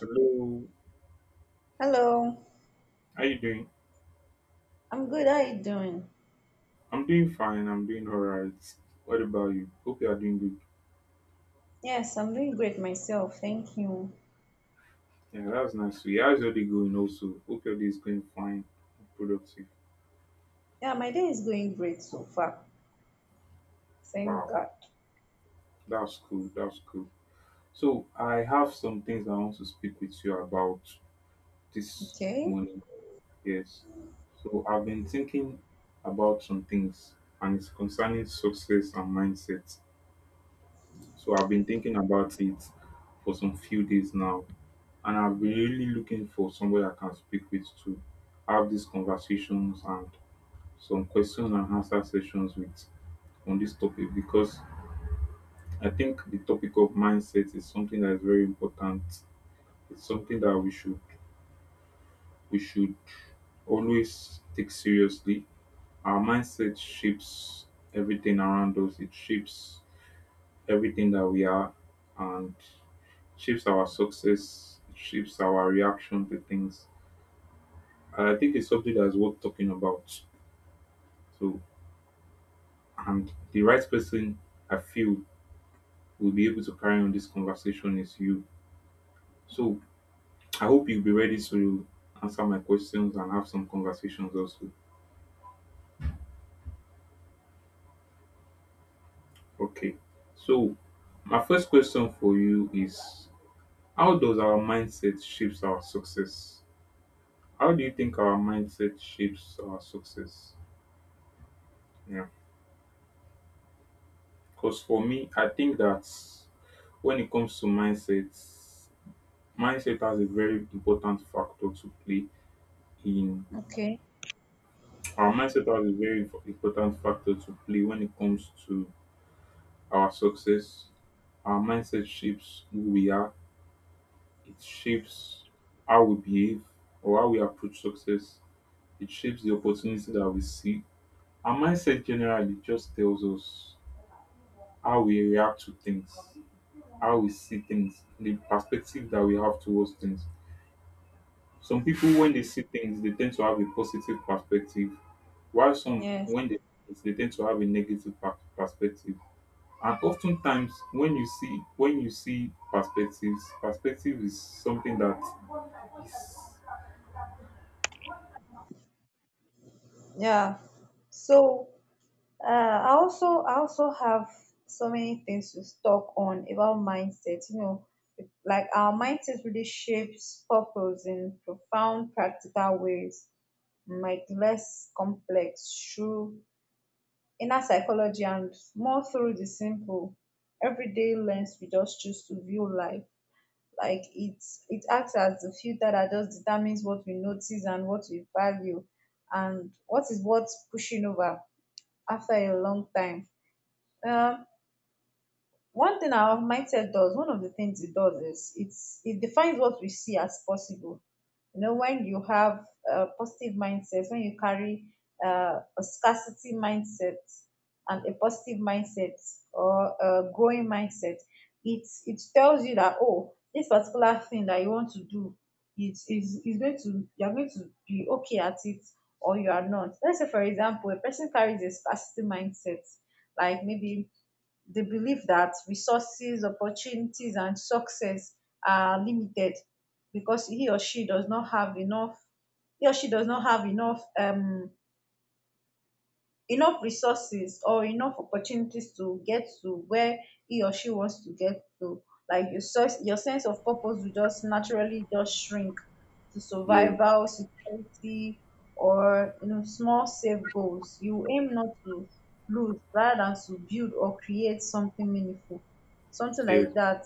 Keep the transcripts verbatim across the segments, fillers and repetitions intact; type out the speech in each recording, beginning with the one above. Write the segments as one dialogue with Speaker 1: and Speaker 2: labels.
Speaker 1: Hello,
Speaker 2: Hello,
Speaker 1: how you doing?
Speaker 2: I'm good. How you doing?
Speaker 1: I'm doing fine. I'm doing all right. What about you? Hope you are doing good.
Speaker 2: Yes, I'm doing great myself. Thank you.
Speaker 1: Yeah, that's nice. So, how's your day going? Also, hope your day is going fine. And productive.
Speaker 2: Yeah, my day is going great so far. Thank
Speaker 1: Wow,
Speaker 2: God.
Speaker 1: that's cool. That's cool. So, I have some things I want to speak with you about this
Speaker 2: Okay.
Speaker 1: morning. Yes. So, I've been thinking about some things, and it's concerning success and mindset. So, I've been thinking about it for some few days now, and I've been really looking for somebody I can speak with to have these conversations and some question and answer sessions with on this topic, because I think the topic of mindset is something that is very important. It's something that we should we should always take seriously. Our mindset shapes everything around us. It shapes everything that we are and shapes our success, shapes our reaction to things. And I think it's something that's worth talking about. So, and the right person I feel will be able to carry on this conversation is you. So, I hope you'll be ready to answer my questions and have some conversations also. Okay. So, my first question for you is, how does our mindset shapes our success? How do you think our mindset shapes our success? Yeah. Because for me, I think that when it comes to mindsets, mindset has a very important factor to play in.
Speaker 2: Okay.
Speaker 1: Our mindset has a very f- important factor to play when it comes to our success. Our mindset shapes who we are, it shapes how we behave or how we approach success, it shapes the opportunity that we see. Our mindset generally just tells us how we react to things, how we see things, the perspective that we have towards things. Some people, when they see things, they tend to have a positive perspective, while some,
Speaker 2: Yes.
Speaker 1: when they, they tend to have a negative per- perspective. And oftentimes when you see when you see perspectives, perspective is something that,
Speaker 2: Yeah. So, uh, I also I also have so many things to talk on about mindset. You know, like our mindset really shapes purpose in profound, practical ways, like less complex, true inner psychology and more through the simple everyday lens we just choose to view life like it's it acts as the filter that just determines what we notice and what we value and what is worth pushing over after a long time. um One thing our mindset does, one of the things it does is it's it defines what we see as possible. You know, when you have a positive mindset, when you carry uh, a scarcity mindset and a positive mindset or a growing mindset, it it tells you that, oh, this particular thing that you want to do, it is is going to you're going to be okay at it or you are not. Let's say, for example, a person carries a scarcity mindset, like maybe they believe that resources, opportunities, and success are limited because he or she does not have enough, he or she does not have enough um enough resources or enough opportunities to get to where he or she wants to get to. Like your source your sense of purpose will just naturally just shrink to
Speaker 1: yeah,
Speaker 2: survival security, or you know small safe goals you aim not to lose rather than to build or create something meaningful, something
Speaker 1: yeah,
Speaker 2: like that,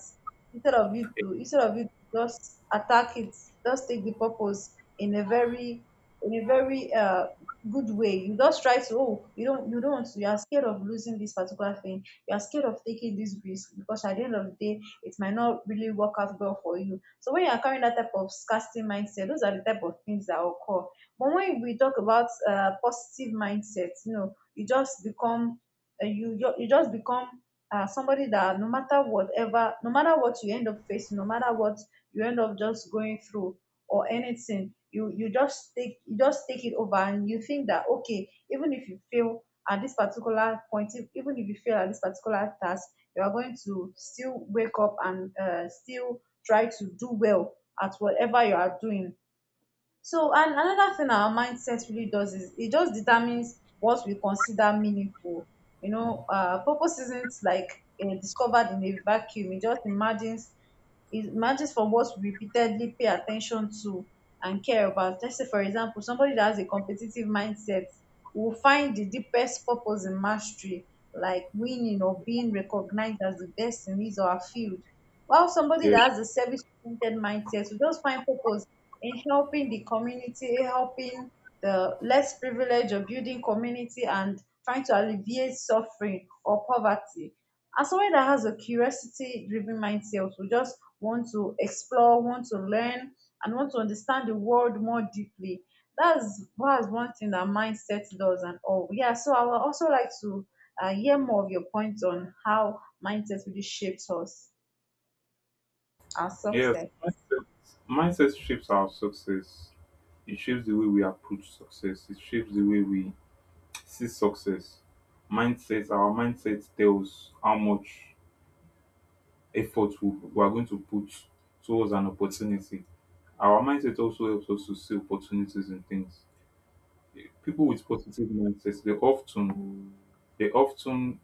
Speaker 2: instead of you to instead of you to just attack it, just take the purpose in a very in a very uh good way. You just try to, oh, you don't you don't you are scared of losing this particular thing, you are scared of taking this risk because at the end of the day it might not really work out well for you. So when you are carrying that type of scarcity mindset, those are the type of things that occur. But when we talk about uh, positive mindset, you know you just become uh, you ju- you just become uh, somebody that no matter whatever, no matter what you end up facing, no matter what you end up just going through or anything, you you just take you just take it over and you think that, okay, even if you fail at this particular point, if, even if you fail at this particular task, you are going to still wake up and uh, still try to do well at whatever you are doing. So, and another thing our mindset really does is it just determines what we consider meaningful. You know, uh, purpose isn't like uh, discovered in a vacuum. It just emerges, it emerges from what we repeatedly pay attention to and care about. Let's say, for example, somebody that has a competitive mindset will find the deepest purpose in mastery, like winning or being recognized as the best in his or her field. While somebody
Speaker 1: yeah,
Speaker 2: that has a service-oriented mindset will just find purpose in helping the community, in helping the less privileged, or building community and trying to alleviate suffering or poverty. As someone that has a curiosity driven mindset, who just want to explore, want to learn, and want to understand the world more deeply. That's that's one thing that mindset does and all. Yeah, so I would also like to uh, hear more of your points on how mindset really shapes us, our
Speaker 1: yes.
Speaker 2: success.
Speaker 1: Mindset, mindset shapes our success. It shapes the way we approach success. It shapes the way we see success. Mindset, our mindset tells how much effort we, we are going to put towards an opportunity. Our mindset also helps us to see opportunities in things. People with positive mindsets, they often they often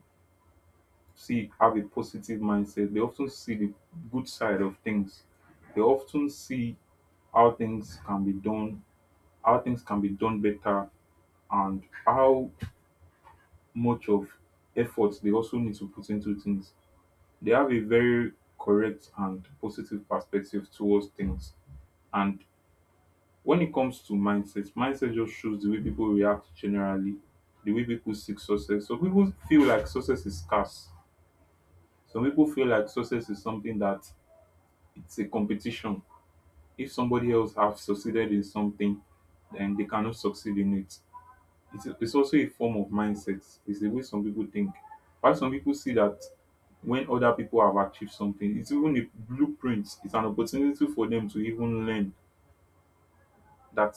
Speaker 1: see, have a positive mindset, they often see the good side of things, they often see how things can be done, how things can be done better, and how much of effort they also need to put into things. They have a very correct and positive perspective towards things. And when it comes to mindset, mindset just shows the way people react generally, the way people seek success. Some people feel like success is scarce. Some people feel like success is something that, it's a competition. If somebody else have succeeded in something, then they cannot succeed in it. It's, it's also a form of mindset. It's the way some people think. Why some people see that when other people have achieved something, it's even a blueprint. It's an opportunity for them to even learn that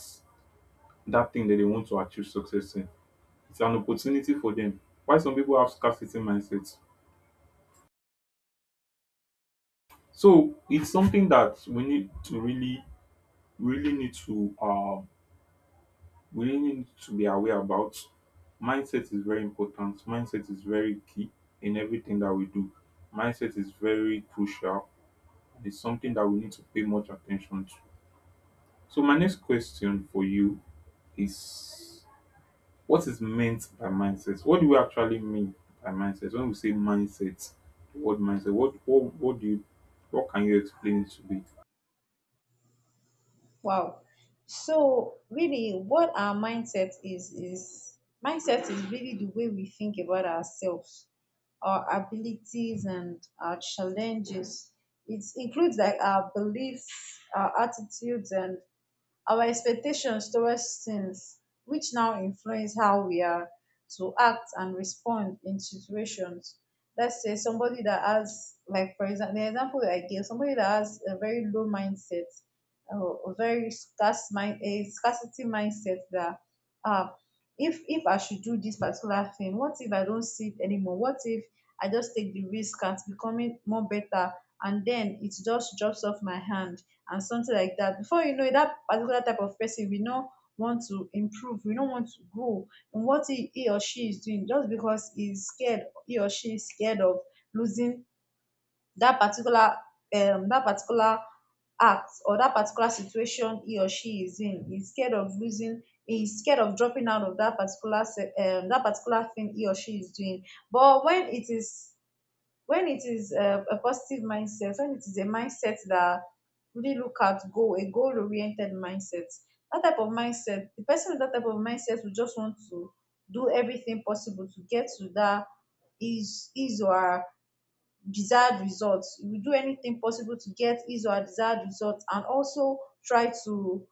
Speaker 1: that thing that they want to achieve success in. It's an opportunity for them. Why some people have scarcity mindsets? So it's something that we need to really, really need to uh we really need to be aware about. Mindset is very important. Mindset is very key in everything that we do. Mindset is very crucial. It's something that we need to pay much attention to. So my next question for you is, what is meant by mindset? What do we actually mean by mindset? When we say mindset, the word mindset, what what what do you, what can you explain it to be?
Speaker 2: Wow. So really what our mindset is is mindset is really the way we think about ourselves, our abilities and our challenges. It includes like our beliefs, our attitudes and our expectations towards things which now influence how we are to act and respond in situations. Let's say somebody that has, like for example the example I gave, somebody that has a very low mindset, uh, a very scarce mind, a scarcity mindset, that uh if if I should do this particular thing, what if I don't see it anymore, what if I just take the risk at becoming more better and then it just drops off my hand and something like that. Before you know it, that particular type of person we don't want to improve, we don't want to grow in what he, he or she is doing just because he's scared, he or she is scared of losing that particular um that particular act or that particular situation he or she is in. He's scared of losing, he's scared of dropping out of that particular se- um, that particular thing he or she is doing. But when it is when it is um a positive mindset, when it is a mindset that really look at goal, a goal oriented mindset, that type of mindset, the person with that type of mindset will just want to do everything possible to get to that his his or desired results. You will do anything possible to get his or desired results, and also try to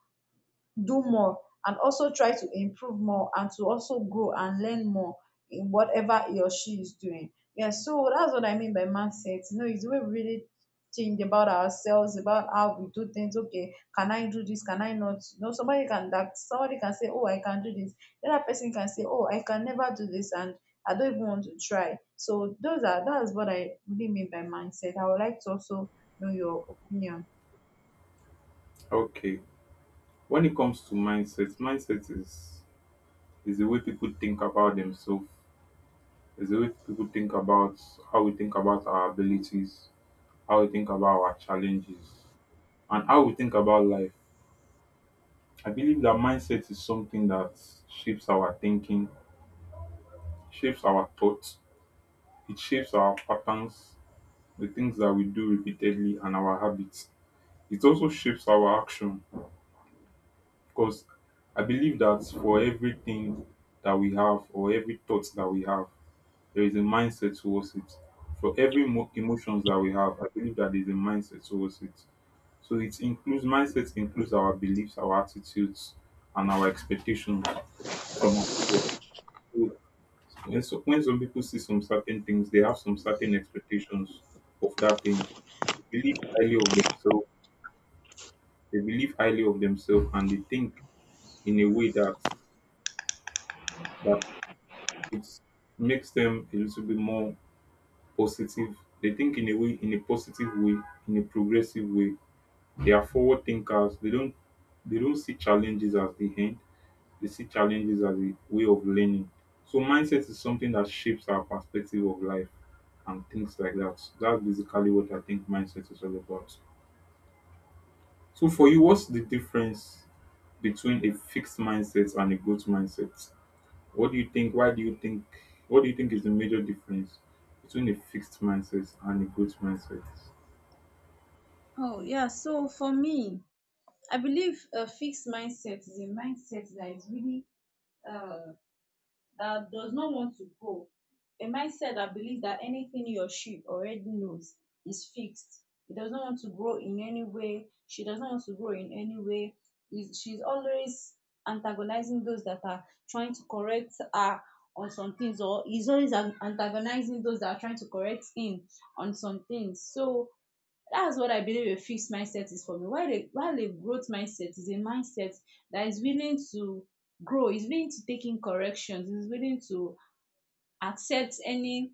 Speaker 2: do more and also try to improve more and to also grow and learn more in whatever he or she is doing. Yeah, so that's what I mean by mindset. You know, it's where we really think about ourselves, about how we do things. Okay, can I do this? Can I not? You know, somebody can that somebody can say, oh, I can do this. The other person can say, oh, I can never do this and I don't even want to try. So those are that is what I really mean by mindset. I would like to also know your opinion.
Speaker 1: Okay. When it comes to mindset, mindset is is the way people think about themselves, is the way people think about, how we think about our abilities, how we think about our challenges, and how we think about life. I believe that mindset is something that shapes our thinking, shapes our thoughts, it shapes our patterns, the things that we do repeatedly and our habits. It also shapes our action, because I believe that for everything that we have or every thought that we have, there is a mindset towards it. For every mo- emotions that we have, I believe that there is a mindset towards it. So it includes, mindset includes our beliefs, our attitudes, and our expectations from our, so when, so, when some people see some certain things, they have some certain expectations of that thing. They believe highly of themselves They believe highly of themselves, and they think in a way that that it makes them a little bit more positive. They think in a way in a positive way, in a progressive way. They are forward thinkers. They don't they don't see challenges as the end. They see challenges as a way of learning. So mindset is something that shapes our perspective of life and things like that. So that's basically what I think mindset is all about. So for you, what's the difference between a fixed mindset and a growth mindset? What do you think? Why do you think? What do you think is the major difference between a fixed mindset and a growth mindset?
Speaker 2: Oh, yeah. So for me, I believe a fixed mindset is a mindset that is really uh, that does not want to grow. A mindset that believes that anything he or she already knows is fixed. He does not want to grow in any way. She does not want to grow in any way. He's- She's always antagonizing those that are trying to correct her on some things, or he's always an- antagonizing those that are trying to correct him on some things. So that's what I believe a fixed mindset is for me. While a, while a growth mindset is a mindset that is willing to grow, is willing to take in corrections, is willing to accept any,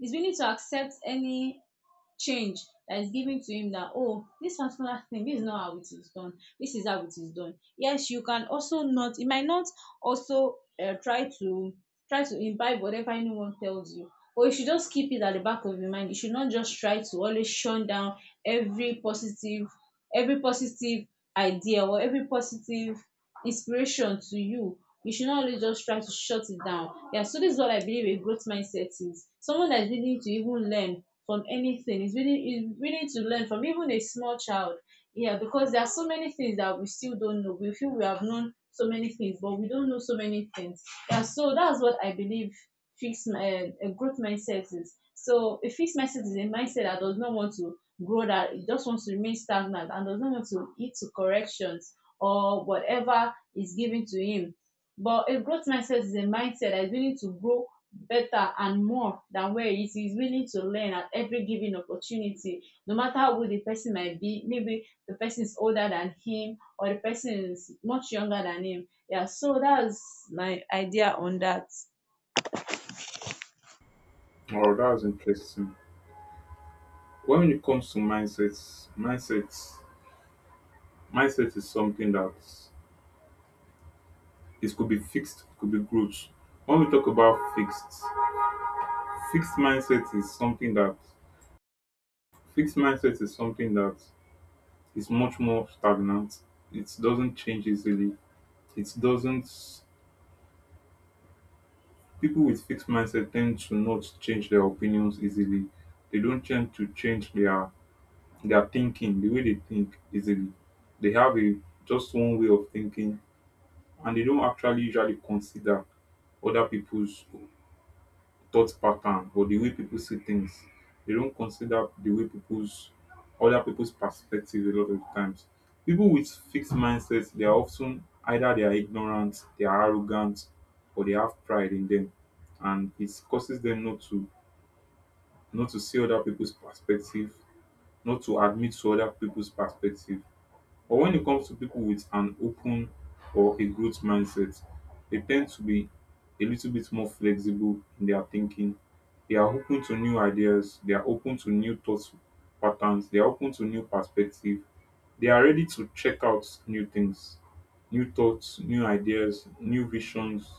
Speaker 2: is willing to accept any change that is given to him, that oh this particular thing, this is not how it is done, this is how it is done. Yes, you can also not, you might not also uh, try to try to imbibe whatever anyone tells you, or you should just keep it at the back of your mind, you should not just try to always shun down every positive every positive idea or every positive inspiration to you. You should not always just try to shut it down. Yeah, so this is what I believe a growth mindset is. Someone that's willing to even learn from anything, is willing is willing to learn from even a small child. Yeah, because there are so many things that we still don't know. We feel we have known so many things, but we don't know so many things. Yeah, so that's what I believe fixed uh, a growth mindset is. So a fixed mindset is a mindset that does not want to grow, that it just wants to remain stagnant and does not want to heed to corrections or whatever is given to him. But a growth mindset is a mindset that is willing to grow better and more than where it is. He is willing to learn at every given opportunity, no matter how old the person might be. Maybe the person is older than him or the person is much younger than him. Yeah, so that's my idea on that.
Speaker 1: Oh, that was interesting. When it comes to mindsets, mindsets, mindset is something that, it could be fixed, it could be growth. When we talk about fixed, fixed mindset is something that fixed mindset is something that is much more stagnant. It doesn't change easily. It doesn't People with fixed mindset tend to not change their opinions easily. They don't tend to change their their thinking, the way they think easily. They have a just one way of thinking, and they don't actually usually consider other people's thought pattern or the way people see things. They don't consider the way people's other people's perspective a lot of times. People with fixed mindsets, they are often either they are ignorant, they are arrogant, or they have pride in them, and it causes them not to not to see other people's perspective, not to admit to other people's perspective, but when it comes to people with an open or a growth mindset, they tend to be a little bit more flexible in their thinking. They are open to new ideas, they are open to new thought patterns, they are open to new perspective. They are ready to check out new things, new thoughts, new ideas, new visions.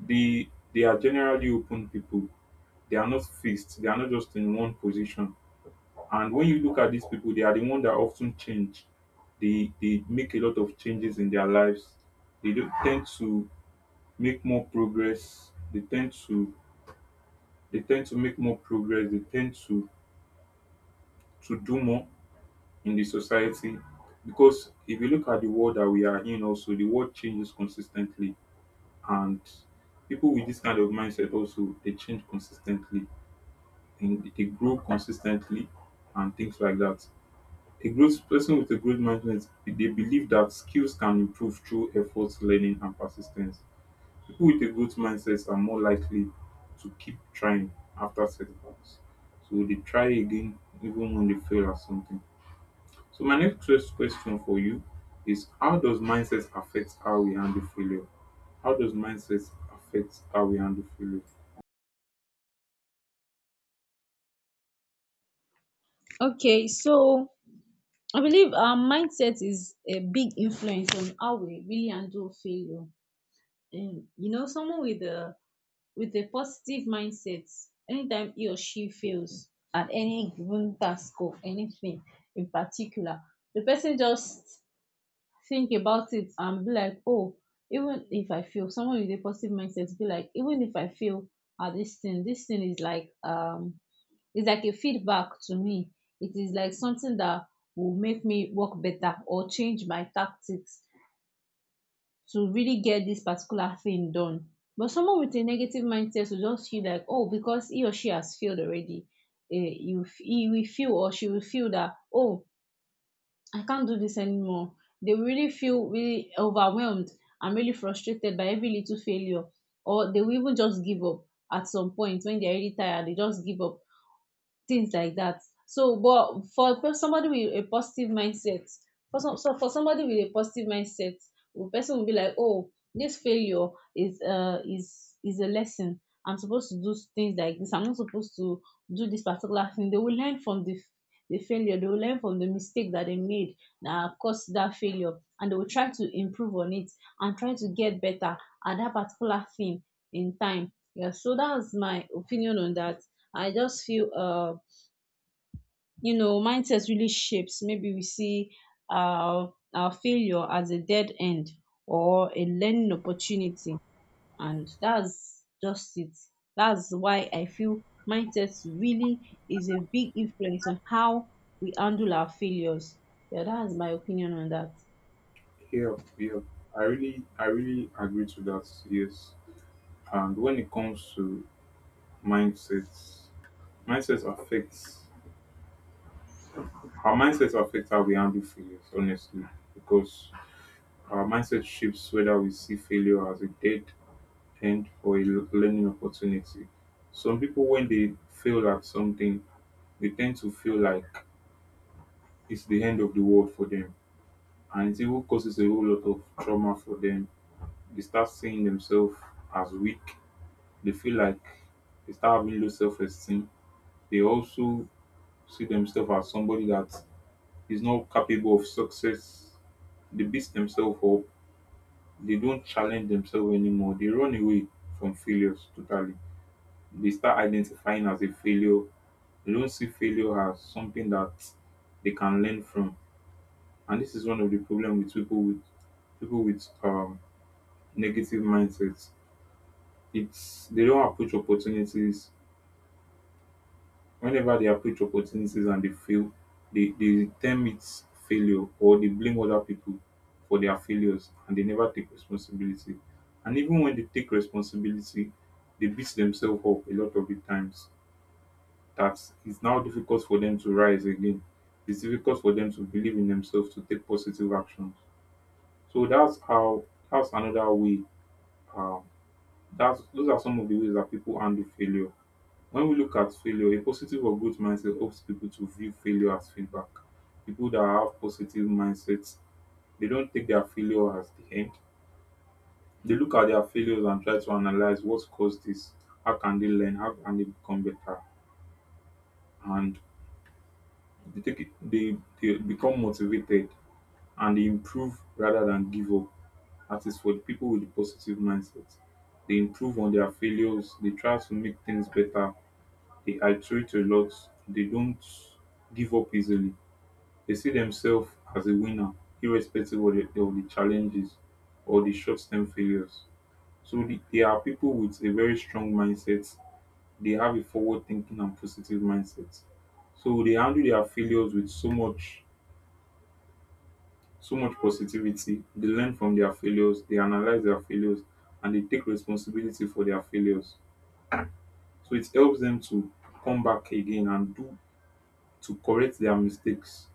Speaker 1: They they are generally open people. They are not fixed. They are not just in one position, and when you look at these people, they are the one that often change. They they make a lot of changes in their lives. They do tend to make more progress. They tend to they tend to make more progress. They tend to to do more in the society, because if you look at the world that we are in, also the world changes consistently, and people with this kind of mindset also they change consistently and they grow consistently and things like that. A growth person with a growth mindset, they believe that skills can improve through effort, learning, and persistence. People with a growth mindset are more likely to keep trying after setbacks. So they try again even when they fail at something. So my next ques- question for you is, how does mindset affect how we handle failure? How does mindset affect how we handle failure?
Speaker 2: Okay, so I believe our mindset is a big influence on how we really handle failure. And you know, someone with a with a positive mindset, anytime he or she fails at any given task or anything in particular, the person just think about it and be like, oh, even if I fail, someone with a positive mindset be like, even if I fail at this thing, this thing is like um it's like a feedback to me, it is like something that will make me work better or change my tactics to really get this particular thing done. But someone with a negative mindset will just feel like, oh, because he or she has failed already, eh, you f- he will feel or she will feel that, oh, I can't do this anymore. They will really feel really overwhelmed and really frustrated by every little failure, or they will even just give up at some point when they're really tired. They just give up, things like that. So, but for for somebody with a positive mindset, for some, so for somebody with a positive mindset, the person will be like, oh, this failure is uh is is a lesson. I'm supposed to do things like this. I'm not supposed to do this particular thing. They will learn from the the failure. They will learn from the mistake that they made that caused that failure, and they will try to improve on it and try to get better at that particular thing in time. Yeah. So that's my opinion on that. I just feel uh you know mindset really shapes maybe we see our our failure as a dead end or a learning opportunity, and that's just it. That's why I feel mindset really is a big influence on how we handle our failures. Yeah, that's my opinion on that.
Speaker 1: Yeah, yeah. I really I really agree to that, yes. And when it comes to mindsets, mindsets affects, our mindset affects how we handle failures, honestly, because our mindset shapes whether we see failure as a dead end or a l- learning opportunity. Some people, when they fail at something, they tend to feel like it's the end of the world for them, and it even causes a whole lot of trauma for them. They start seeing themselves as weak. They feel like they start having low self-esteem. They also see themselves as somebody that is not capable of success. They beat themselves up. They don't challenge themselves anymore. They run away from failures totally. They start identifying as a failure. They don't see failure as something that they can learn from. And this is one of the problems with people with people with um, negative mindsets. It's they don't approach opportunities. Whenever they approach opportunities and they fail, they they term it failure, or they blame other people for their failures and they never take responsibility. And even when they take responsibility, they beat themselves up a lot of di times dat is now difficult for them to rise again. It's difficult for them to believe in themselves, to take positive actions. So that's how that's another way um dats those are some of the ways that people handle failure. When we look at failure, a positive or growth mindset helps people to view failure as feedback. People that have positive mindsets, they don't take their failure as the end. They look at their failures and try to analyze what caused this, how can they learn, how can they become better, and they take it, they, they become motivated and they improve rather than give up. That is for the people with a positive mindset. They improve on their failures, they try to make things better, they iterate a lot, they don't give up easily. They see themselves as a winner, irrespective of the, of the challenges or the short term failures. So the, they are people with a very strong mindset. They have a forward thinking and positive mindset. So they handle their failures with so much so much positivity. They learn from their failures, they analyze their failures, and they take responsibility for their failures. So it helps them to come back again and do to correct their mistakes.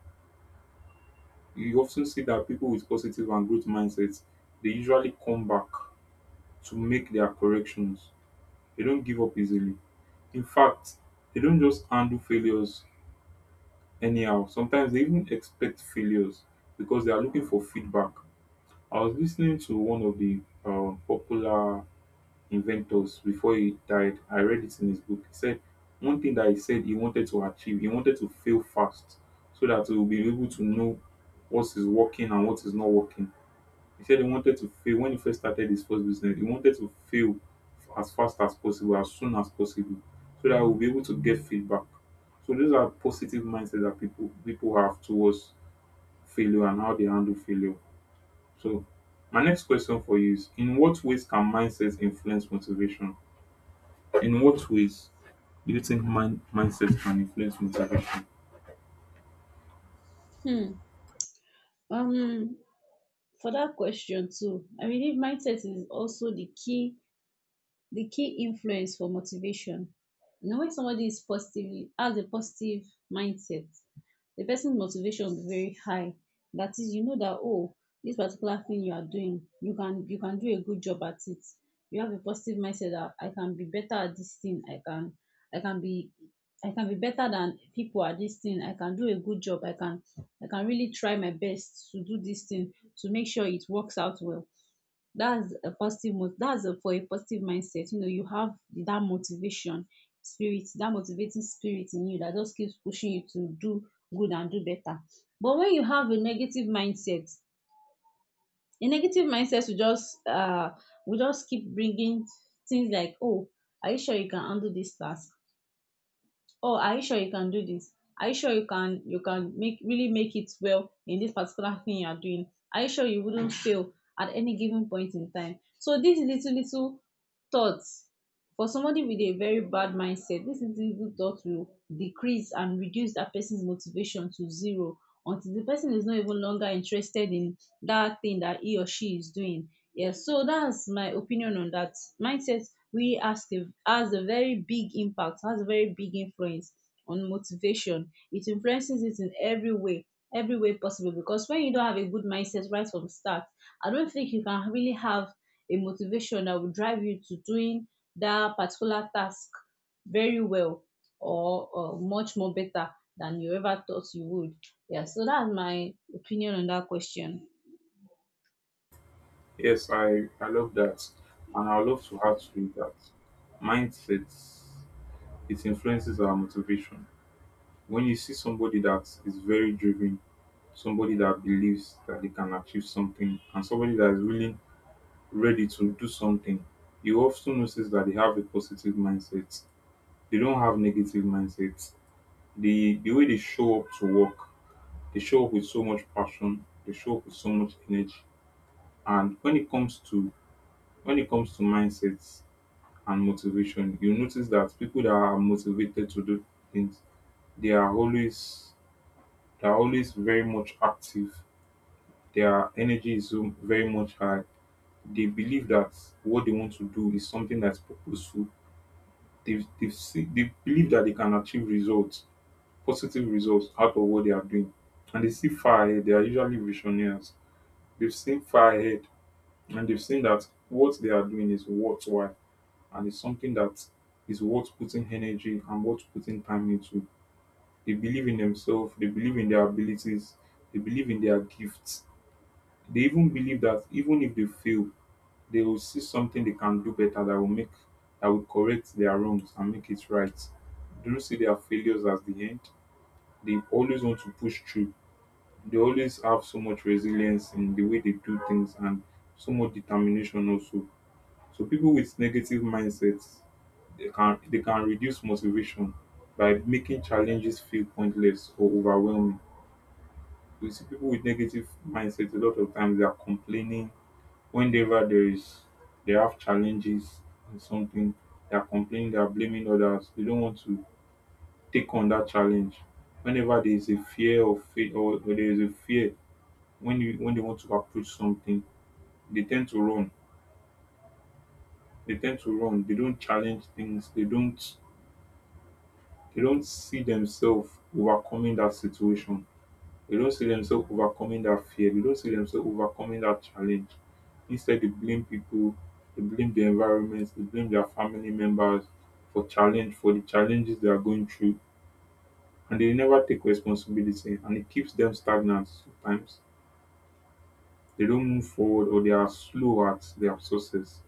Speaker 1: You often see that people with positive and growth mindsets, they usually come back to make their corrections. They don't give up easily. In fact, they don't just handle failures anyhow. Sometimes they even expect failures because they are looking for feedback. I was listening to one of the uh, popular inventors before he died. I read it in his book. He said one thing that he said he wanted to achieve. He wanted to fail fast so that he will be able to know what is working and what is not working. He said he wanted to fail when he first started his first business. He wanted to fail as fast as possible, as soon as possible, so that we'll be able to get feedback. So those are positive mindsets that people people have towards failure and how they handle failure. So my next question for you is: in what ways can mindsets influence motivation? In what ways do you think mind mindsets can influence motivation?
Speaker 2: um for that question too, I believe mindset is also the key, the key influence for motivation. You know, when somebody is positively has a positive mindset, the person's motivation will be very high. That is, you know that, oh, this particular thing you are doing, you can you can do a good job at it. You have a positive mindset that I can be better at this thing. I can I can be I can be better than people at this thing. I can do a good job. I can I can really try my best to do this thing to make sure it works out well. That's a positive mo- that's a, for a positive mindset, you know, you have that motivation spirit, that motivating spirit in you that just keeps pushing you to do good and do better. But when you have a negative mindset, a negative mindset will just uh will just keep bringing things like, oh, are you sure you can handle this task? Oh, are you sure you can do this? Are you sure you can you can make, really make it well in this particular thing you are doing? Are you sure you wouldn't fail at any given point in time? So these little little thoughts, for somebody with a very bad mindset, this little little thought will decrease and reduce that person's motivation to zero, until the person is not even longer interested in that thing that he or she is doing. Yes, so that's my opinion on that. Mindset We has a, has a very big impact, has a very big influence on motivation. It influences it in every way, every way possible. Because when you don't have a good mindset right from start, I don't think you can really have a motivation that will drive you to doing that particular task very well, or, or much more better than you ever thought you would. Yeah, so that's my opinion on that question.
Speaker 1: Yes, I I love that, and I would love to add to it that mindsets, it influences our motivation. When you see somebody that is very driven, somebody that believes that they can achieve something, and somebody that is really ready to do something, you often notice that they have a positive mindset. They don't have negative mindsets. The the way they show up to work, they show up with so much passion, they show up with so much energy. And when it comes to when it comes to mindsets and motivation, you notice that people that are motivated to do things, they are always they are always very much active. Their energy is so very much high. They believe that what they want to do is something that's purposeful. They've, they've see, they believe that they can achieve results, positive results out of what they are doing. And they see far ahead. They are usually visionaries. They've seen far ahead and they've seen that what they are doing is worthwhile and it's something that is worth putting energy and worth putting time into. They believe in themselves, they believe in their abilities, they believe in their gifts. They even believe that even if they fail, they will see something they can do better that will make that will correct their wrongs and make it right. They don't see their failures as the end. They always want to push through. They always have so much resilience in the way they do things, and so much determination also. So people with negative mindsets, they can they can reduce motivation by making challenges feel pointless or overwhelming. We see people with negative mindsets, a lot of times they are complaining. Whenever there is they have challenges in something, they are complaining, they are blaming others. They don't want to take on that challenge. Whenever there is a fear of fail or, or there is a fear when you when they want to approach something, they tend to run. They tend to run. They don't challenge things. They don't they don't see themselves overcoming that situation. They don't see themselves overcoming that fear. They don't see themselves overcoming that challenge. Instead, they blame people, they blame the environment, they blame their family members for challenge, for the challenges they are going through. And they never take responsibility and it keeps them stagnant sometimes. They don't move forward or they are slow at their success.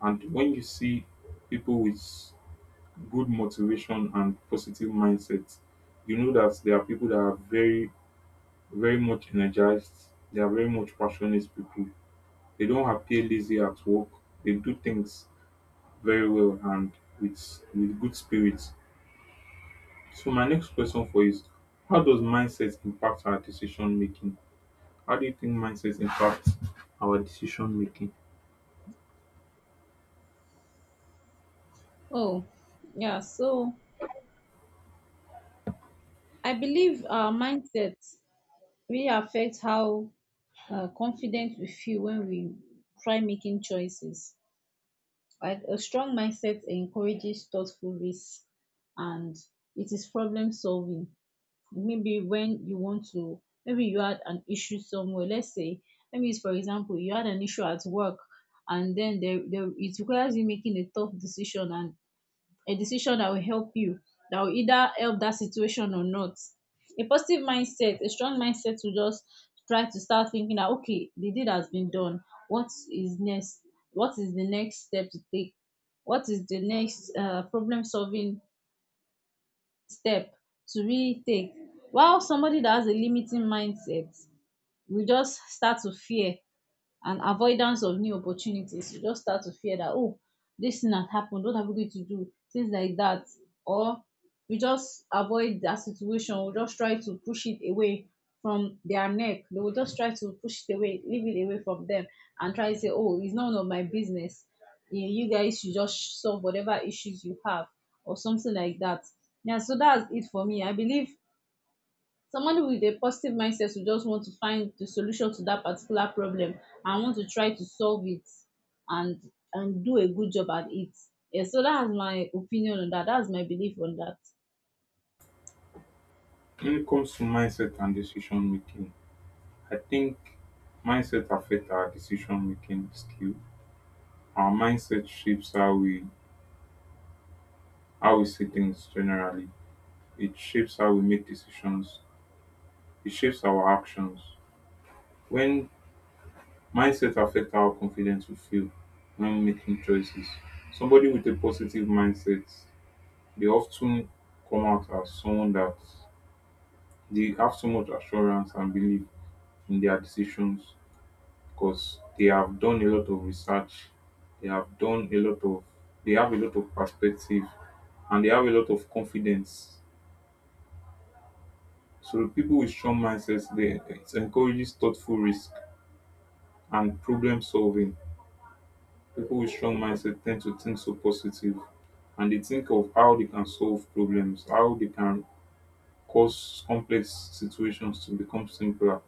Speaker 1: And when you see people with good motivation and positive mindset, you know that there are people that are very very much energized. They are very much passionate people. They don't appear lazy at work. They do things very well and with with good spirits. So my next question for you is: how does mindset impact our decision making? How do you think mindset impacts our decision making?
Speaker 2: Oh, yeah. So I believe our mindset really affects how uh, confident we feel when we try making choices. Like, a strong mindset encourages thoughtful risk and it is problem solving. Maybe when you want to, maybe you had an issue somewhere. Let's say, let me use for example, you had an issue at work, and then there, there it requires you making a tough decision, and a decision that will help you, that will either help that situation or not. A positive mindset, a strong mindset to just try to start thinking that, okay, the deed has been done. What is next? What is the next step to take? What is the next uh, problem solving step to really take? While somebody that has a limiting mindset will just start to fear and avoidance of new opportunities. You just start to fear that, oh, this thing has happened, what are we going to do, things like that. Or we just avoid that situation, we just try to push it away from their neck. They will just try to push it away, leave it away from them, and try to say, oh, it's none of my business, you you guys should just solve whatever issues you have, or something like that. Yeah, so that's it for me. I believe somebody with a positive mindset will just want to find the solution to that particular problem, and want to try to solve it, and and do a good job at it. Yes, so that's my opinion on that. That's my belief on that.
Speaker 1: When it comes to mindset and decision making, I think mindset affects our decision making skill. Our mindset shapes how we how we see things generally. It shapes how we make decisions. It shapes our actions. When mindset affects how confident we feel when making choices, somebody with a positive mindset, they often come out as someone that they have so much assurance and belief in their decisions because they have done a lot of research, they have done a lot of, they have a lot of perspective, and they have a lot of confidence. So people with strong mindsets, they it encourages thoughtful risk and problem solving. People with strong mindset tend to think so positive and they think of how they can solve problems, how they can cause complex situations to become simpler.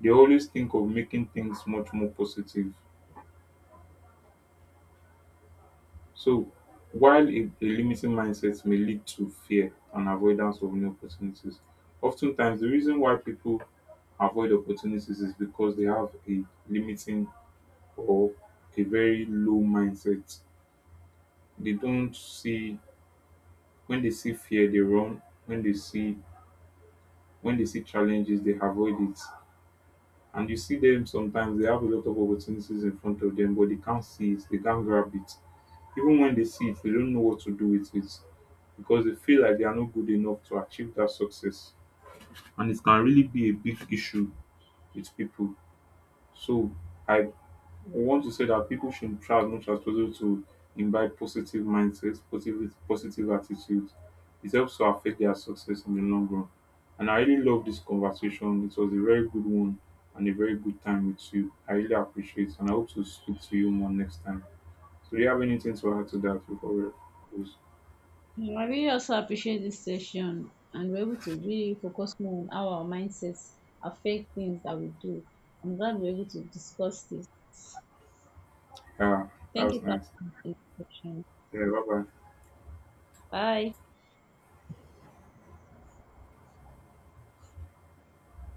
Speaker 1: They always think of making things much more positive. So, while a, a limiting mindset may lead to fear and avoidance of new opportunities, oftentimes the reason why people avoid opportunities is because they have a limiting or a very low mindset. They don't see When they see fear, they run. When they see when they see challenges, they avoid it. And you see them sometimes they have a lot of opportunities in front of them, but they can't see it, they can't grab it. Even when they see it, they don't know what to do with it because they feel like they are not good enough to achieve that success. And it can really be a big issue with people. So I We want to say that people should try as much as possible to imbibe positive mindsets, positive positive attitudes. It helps to affect their success in the long run. And I really love this conversation. It was a very good one and a very good time with you. I really appreciate it and I hope to speak to you more next time. So do you have anything to add to that before we close?
Speaker 2: Mm, I really also appreciate this session, and we're able to really focus more on how our mindsets affect things that we do. I'm glad we're able to discuss this.
Speaker 1: Yeah, that
Speaker 2: Thank
Speaker 1: was
Speaker 2: you for
Speaker 1: nice.
Speaker 2: this session.
Speaker 1: Yeah, bye bye.
Speaker 2: Bye.